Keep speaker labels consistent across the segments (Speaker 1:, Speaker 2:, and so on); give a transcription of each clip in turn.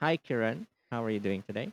Speaker 1: Hi, Kiran. How are you doing today?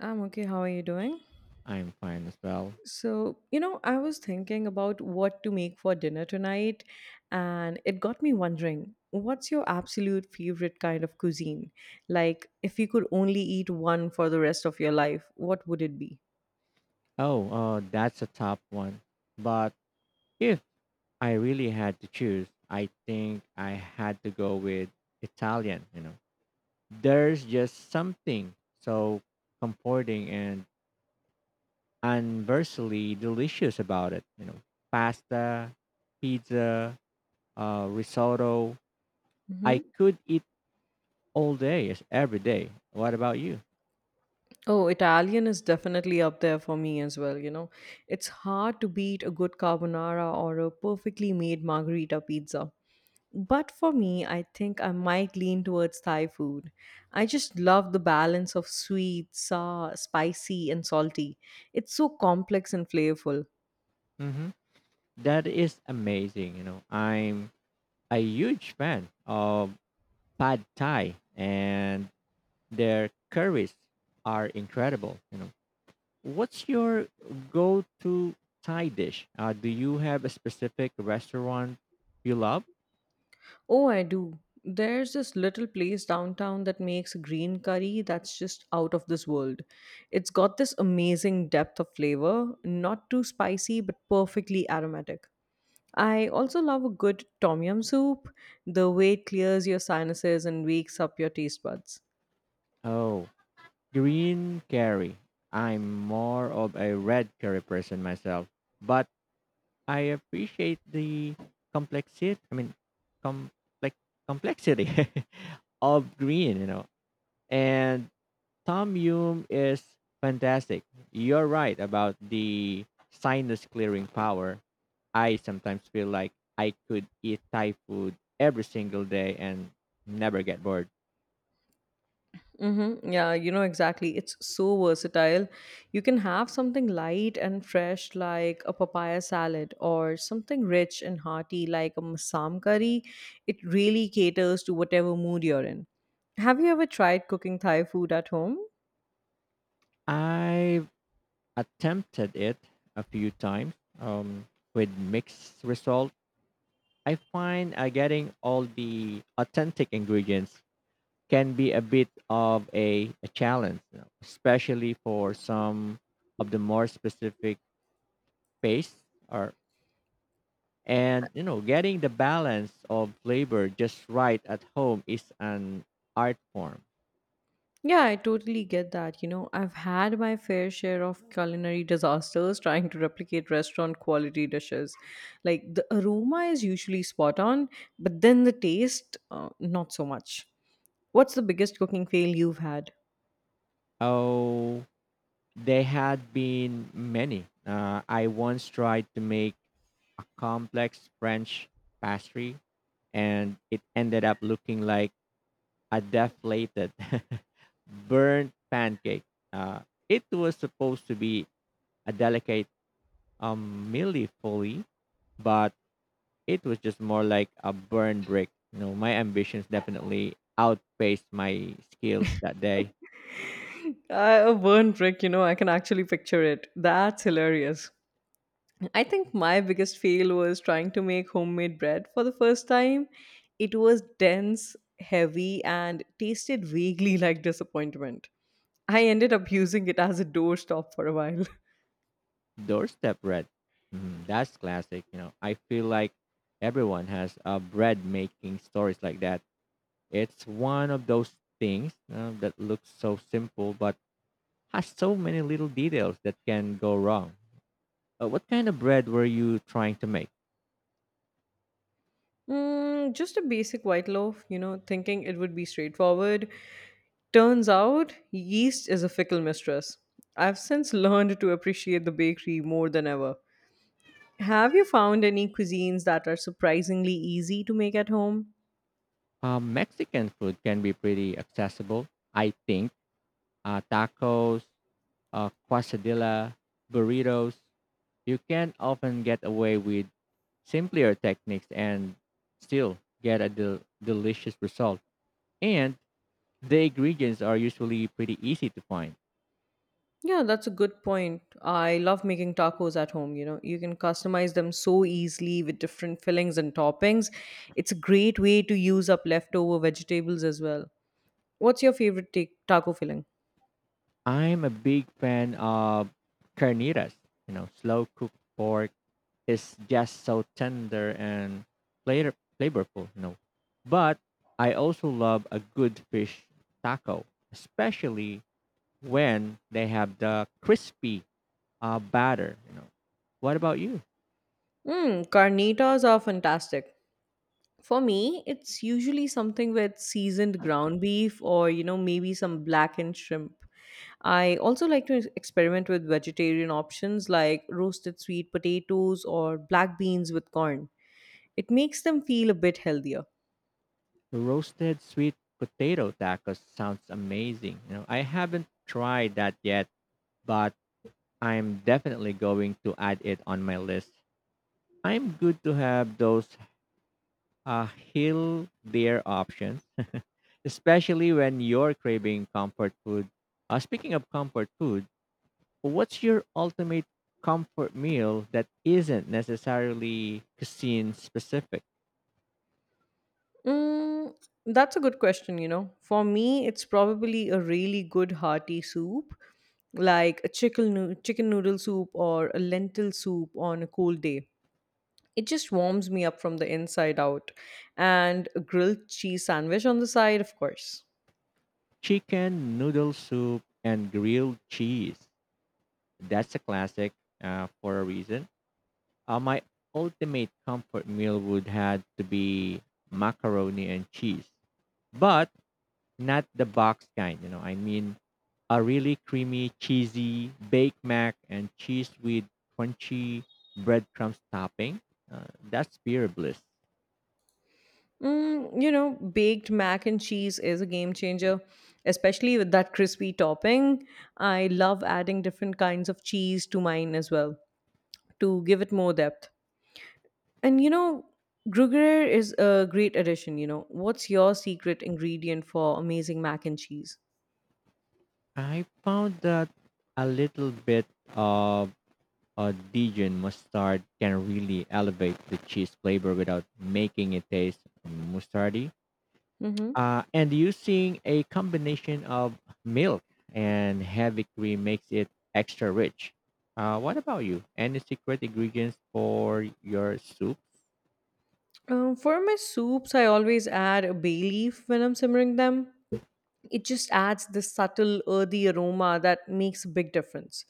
Speaker 2: I'm okay. How are you doing?
Speaker 1: I'm fine as well.
Speaker 2: So, you know, I was thinking about what to make for dinner tonight, and it got me wondering what's your absolute favorite kind of cuisine? Like, if you could only eat one for the rest of your life, what would it be?
Speaker 1: Oh, that's a tough one. But if I really had to choose, I think I had to go with Italian, you know. There's just something so comforting and universally delicious about it, Pasta, pizza, risotto.
Speaker 2: Mm-hmm.
Speaker 1: I could eat all day, yes, every day. What about you?
Speaker 2: Oh, Italian is definitely up there for me as well, you know. It's hard to beat a good carbonara or a perfectly made margherita pizza. But for me, I think I might lean towards Thai food. I just love the balance of sweet, sour, spicy, and salty. It's so complex and flavorful.
Speaker 1: hmm That is amazing, you know. I'm a huge fan of pad thai, and their curries are incredible. What's your go-to thai dish? Do you have a specific restaurant you love?
Speaker 2: Oh, I do. There's this little place downtown that makes green curry that's just out of this world. It's got this amazing depth of flavor, not too spicy, but perfectly aromatic. I also love a good tom yum soup, the way it clears your sinuses and wakes up your taste buds.
Speaker 1: Oh, green curry. I'm more of a red curry person myself, but I appreciate the complexity I mean complex complexity of green. And Tom Hume is fantastic. You're right about the sinus clearing power. I sometimes feel like I could eat Thai food every single day and never get bored.
Speaker 2: Mm-hmm. Yeah, you know exactly. It's so versatile. You can have something light and fresh like a papaya salad or something rich and hearty like a masam curry. It really caters to whatever mood you're in. Have you ever tried cooking Thai food at home?
Speaker 1: I've attempted it a few times, um, with mixed results. I find getting all the authentic ingredients can be a bit of a challenge, you know, especially for some of the more specific pastes or. And you know, getting the balance of flavor just right at home is an art form.
Speaker 2: Yeah, I totally get that. You know, I've had my fair share of culinary disasters trying to replicate restaurant quality dishes. Like the aroma is usually spot on, but then the taste, not so much. What's the biggest cooking fail you've had?
Speaker 1: Oh, there had been many. I once tried to make a complex French pastry, and it ended up looking like a deflated, burnt pancake. Uh, it was supposed to be a delicate milly foley, but it was just more like a burn brick. You know, my ambitions definitely outpaced my skills that day.
Speaker 2: A burn brick, you know, I can actually picture it. That's hilarious. I think my biggest fail was trying to make homemade bread for the first time. It was dense, heavy, and tasted vaguely like disappointment. I ended up using it as a doorstop for a while.
Speaker 1: Doorstep bread. Mm, that's classic. You know, I feel like everyone has a bread making stories like that. It's one of those things that looks so simple but has so many little details that can go wrong. What kind of bread were you trying to make?
Speaker 2: Mm, just a basic white loaf, you know, thinking it would be straightforward. Turns out, yeast is a fickle mistress. I've since learned to appreciate the bakery more than ever. Have you found any cuisines that are surprisingly easy to make at home?
Speaker 1: Mexican food can be pretty accessible, I think. Tacos, quesadilla, burritos, you can often get away with simpler techniques and still get a delicious result. And the ingredients are usually pretty easy to find.
Speaker 2: Yeah, that's a good point. I love making tacos at home, you know. You can customize them so easily with different fillings and toppings. It's a great way to use up leftover vegetables as well. What's your favorite taco filling?
Speaker 1: I'm a big fan of carnitas. You know, slow cooked pork is just so tender and flavorful. You know, but I also love a good fish taco, especially when they have the crispy batter. What about you?
Speaker 2: Mm, carnitas are fantastic. For me, it's usually something with seasoned ground beef or, you know, maybe some blackened shrimp. I also like to experiment with vegetarian options like roasted sweet potatoes or black beans with corn. It makes them feel a bit healthier.
Speaker 1: The roasted sweet potato tacos sounds amazing. You know, I haven't tried that yet, but I'm definitely going to add it on my list. I'm good to have those hill deer options, especially when you're craving comfort food. Speaking of comfort food, what's your ultimate comfort meal that isn't necessarily cuisine specific?
Speaker 2: Mm, that's a good question, you know. For me, it's probably a really good hearty soup, like a chicken noodle soup or a lentil soup on a cold day. It just warms me up from the inside out. And a grilled cheese sandwich on the side, of course.
Speaker 1: Chicken noodle soup and grilled cheese. That's a classic, for a reason. My ultimate comfort meal would have to be macaroni and cheese, but not the box kind. I mean a really creamy, cheesy baked mac and cheese with crunchy breadcrumbs topping. That's pure bliss.
Speaker 2: Mm, you know, baked mac and cheese is a game changer, especially with that crispy topping. I love adding different kinds of cheese to mine as well to give it more depth. And you know, Gruyere is a great addition. You know, what's your secret ingredient for amazing mac and cheese?
Speaker 1: I found that a little bit of Dijon mustard can really elevate the cheese flavor without making it taste mustardy.
Speaker 2: Mm-hmm.
Speaker 1: And using a combination of milk and heavy cream makes it extra rich. What about you? Any secret ingredients for your soup?
Speaker 2: For my soups, I always add a bay leaf when I'm simmering them. It just adds this subtle earthy aroma that makes a big difference.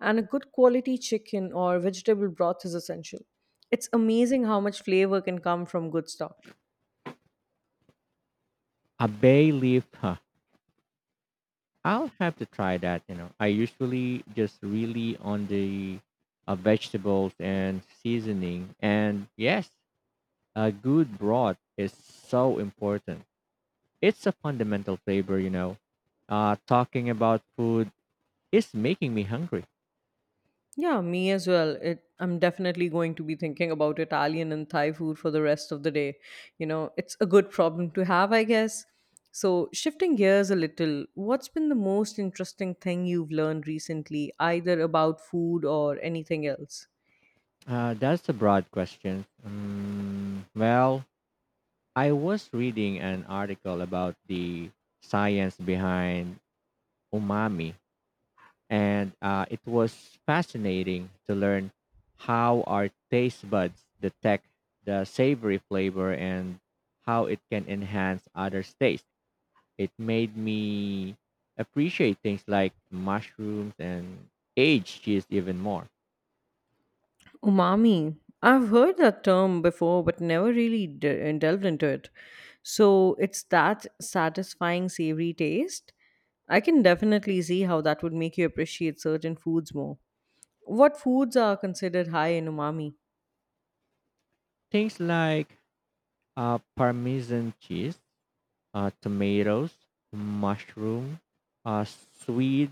Speaker 2: And a good quality chicken or vegetable broth is essential. It's amazing how much flavor can come from good stock.
Speaker 1: A bay leaf, huh? I'll have to try that. You know, I usually just really on the vegetables and seasoning. And yes, a good broth is so important. It's a fundamental flavor, you know. Talking about food is making me hungry.
Speaker 2: Yeah, me as well. I'm definitely going to be thinking about Italian and Thai food for the rest of the day. You know, it's a good problem to have, I guess. So, shifting gears a little, what's been the most interesting thing you've learned recently, either about food or anything else?
Speaker 1: That's a broad question. Well, I was reading an article about the science behind umami, and it was fascinating to learn how our taste buds detect the savory flavor and how it can enhance others' taste. It made me appreciate things like mushrooms and aged cheese even more.
Speaker 2: Umami. I've heard that term before, but never really delved into it. So it's that satisfying, savory taste. I can definitely see how that would make you appreciate certain foods more. What foods are considered high in umami?
Speaker 1: Things like Parmesan cheese, tomatoes, mushroom, sweet,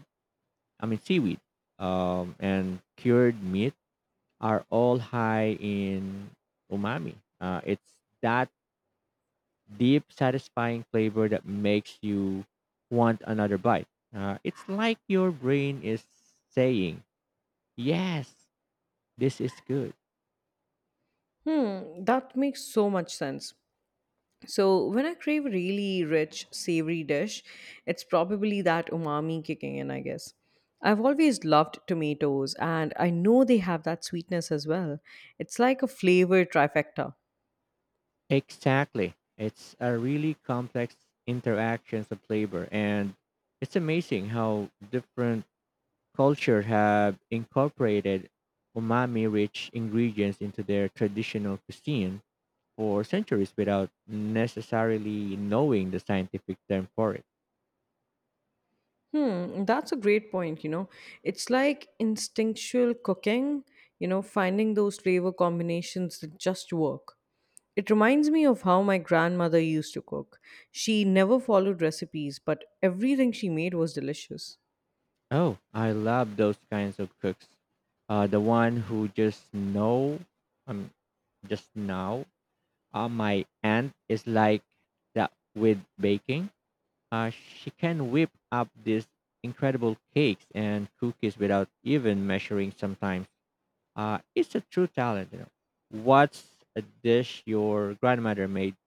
Speaker 1: I mean seaweed, and cured meat are all high in umami. It's that deep, satisfying flavor that makes you want another bite. It's like your brain is saying, yes, this is good.
Speaker 2: Hmm, that makes so much sense. So when I crave a really rich, savory dish, it's probably that umami kicking in, I guess. I've always loved tomatoes, and I know they have that sweetness as well. It's like a flavor trifecta.
Speaker 1: Exactly. It's a really complex interactions of flavor, and it's amazing how different cultures have incorporated umami rich ingredients into their traditional cuisine for centuries without necessarily knowing the scientific term for it.
Speaker 2: Hmm, that's a great point, you know. It's like instinctual cooking, you know, finding those flavor combinations that just work. It reminds me of how my grandmother used to cook. She never followed recipes, but everything she made was delicious.
Speaker 1: Oh, I love those kinds of cooks. The one who just know, um, just now uh, my aunt is like that with baking. She can whip up these incredible cakes and cookies without even measuring sometimes. It's a true talent. You know. What's a dish your grandmother made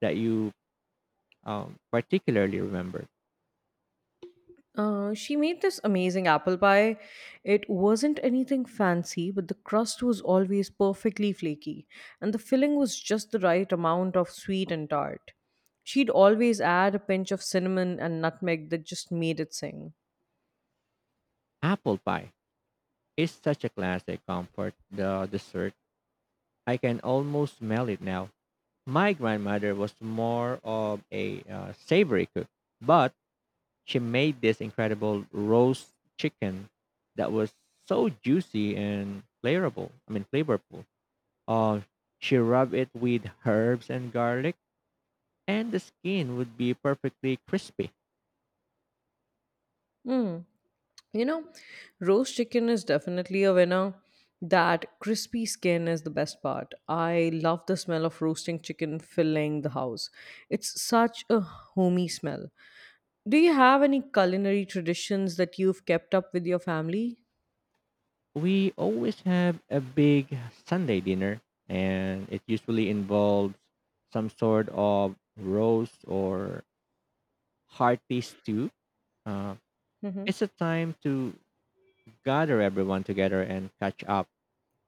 Speaker 1: that you particularly remember?
Speaker 2: She made this amazing apple pie. It wasn't anything fancy, but the crust was always perfectly flaky, and the filling was just the right amount of sweet and tart. She'd always add a pinch of cinnamon and nutmeg that just made it sing.
Speaker 1: Apple pie is such a classic comfort the dessert. I can almost smell it now. My grandmother was more of a savory cook, but she made this incredible roast chicken that was so juicy and flavorful. Uh, she rubbed it with herbs and garlic, and the skin would be perfectly crispy.
Speaker 2: Mm. You know, roast chicken is definitely a winner. That crispy skin is the best part. I love the smell of roasting chicken filling the house. It's such a homey smell. Do you have any culinary traditions that you've kept up with your family?
Speaker 1: We always have a big Sunday dinner, and it usually involves some sort of roast or hearty stew. Uh,
Speaker 2: Hmm.
Speaker 1: it's a time to gather everyone together and catch up.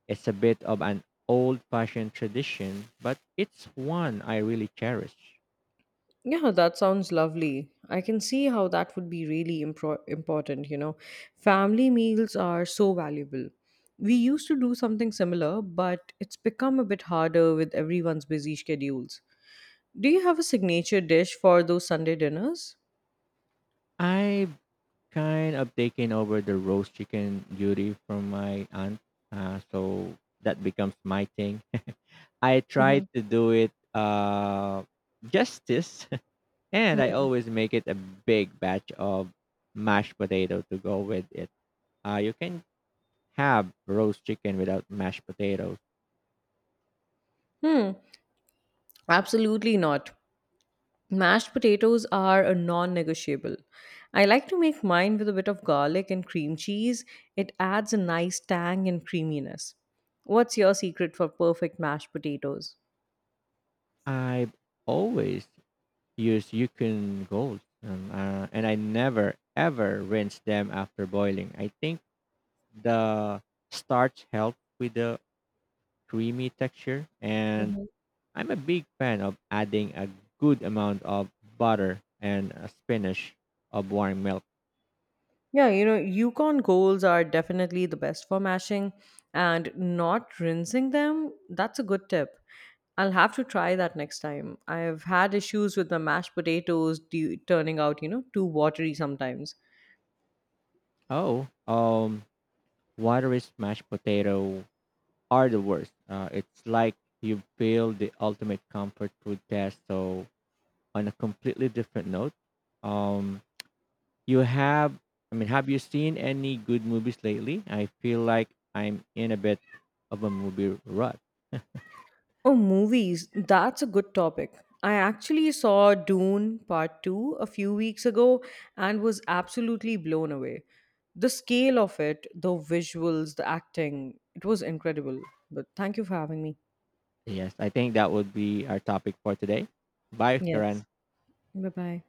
Speaker 1: It's a bit of an old fashioned tradition, but it's one I really cherish.
Speaker 2: Yeah, that sounds lovely. I can see how that would be really important, you know. Family meals are so valuable. We used to do something similar, but it's become a bit harder with everyone's busy schedules. Do you have a signature dish for those Sunday dinners?
Speaker 1: I've kind of taken over the roast chicken duty from my aunt, so that becomes my thing. I try
Speaker 2: Hmm.
Speaker 1: to do it justice, and I
Speaker 2: Hmm.
Speaker 1: always make it a big batch of mashed potato to go with it. You can have roast chicken without mashed potatoes.
Speaker 2: Hmm. Absolutely not. Mashed potatoes are a non negotiable. I like to make mine with a bit of garlic and cream cheese. It adds a nice tang and creaminess. What's your secret for perfect mashed potatoes?
Speaker 1: I've always use Yukon Gold, and I never ever rinse them after boiling. I think the starch helps with the creamy texture, and
Speaker 2: Mhm.
Speaker 1: I'm a big fan of adding a good amount of butter and a spinach of warm milk.
Speaker 2: Yeah, you know, Yukon Golds are definitely the best for mashing and not rinsing them. That's a good tip. I'll have to try that next time. I've had issues with my mashed potatoes turning out, you know, too watery sometimes.
Speaker 1: Oh, watery mashed potato are the worst. It's like you failed the ultimate comfort food test. So on a completely different note, um, You have, I mean, have you seen any good movies lately? I feel like I'm in a bit of a movie rut.
Speaker 2: Oh, movies. That's a good topic. I actually saw Dune Part 2 a few weeks ago and was absolutely blown away. The scale of it, the visuals, the acting, it was incredible. But thank you for having me.
Speaker 1: Yes, I think that would be our topic for today. Bye,
Speaker 2: Yes.
Speaker 1: Kiran.
Speaker 2: Bye bye.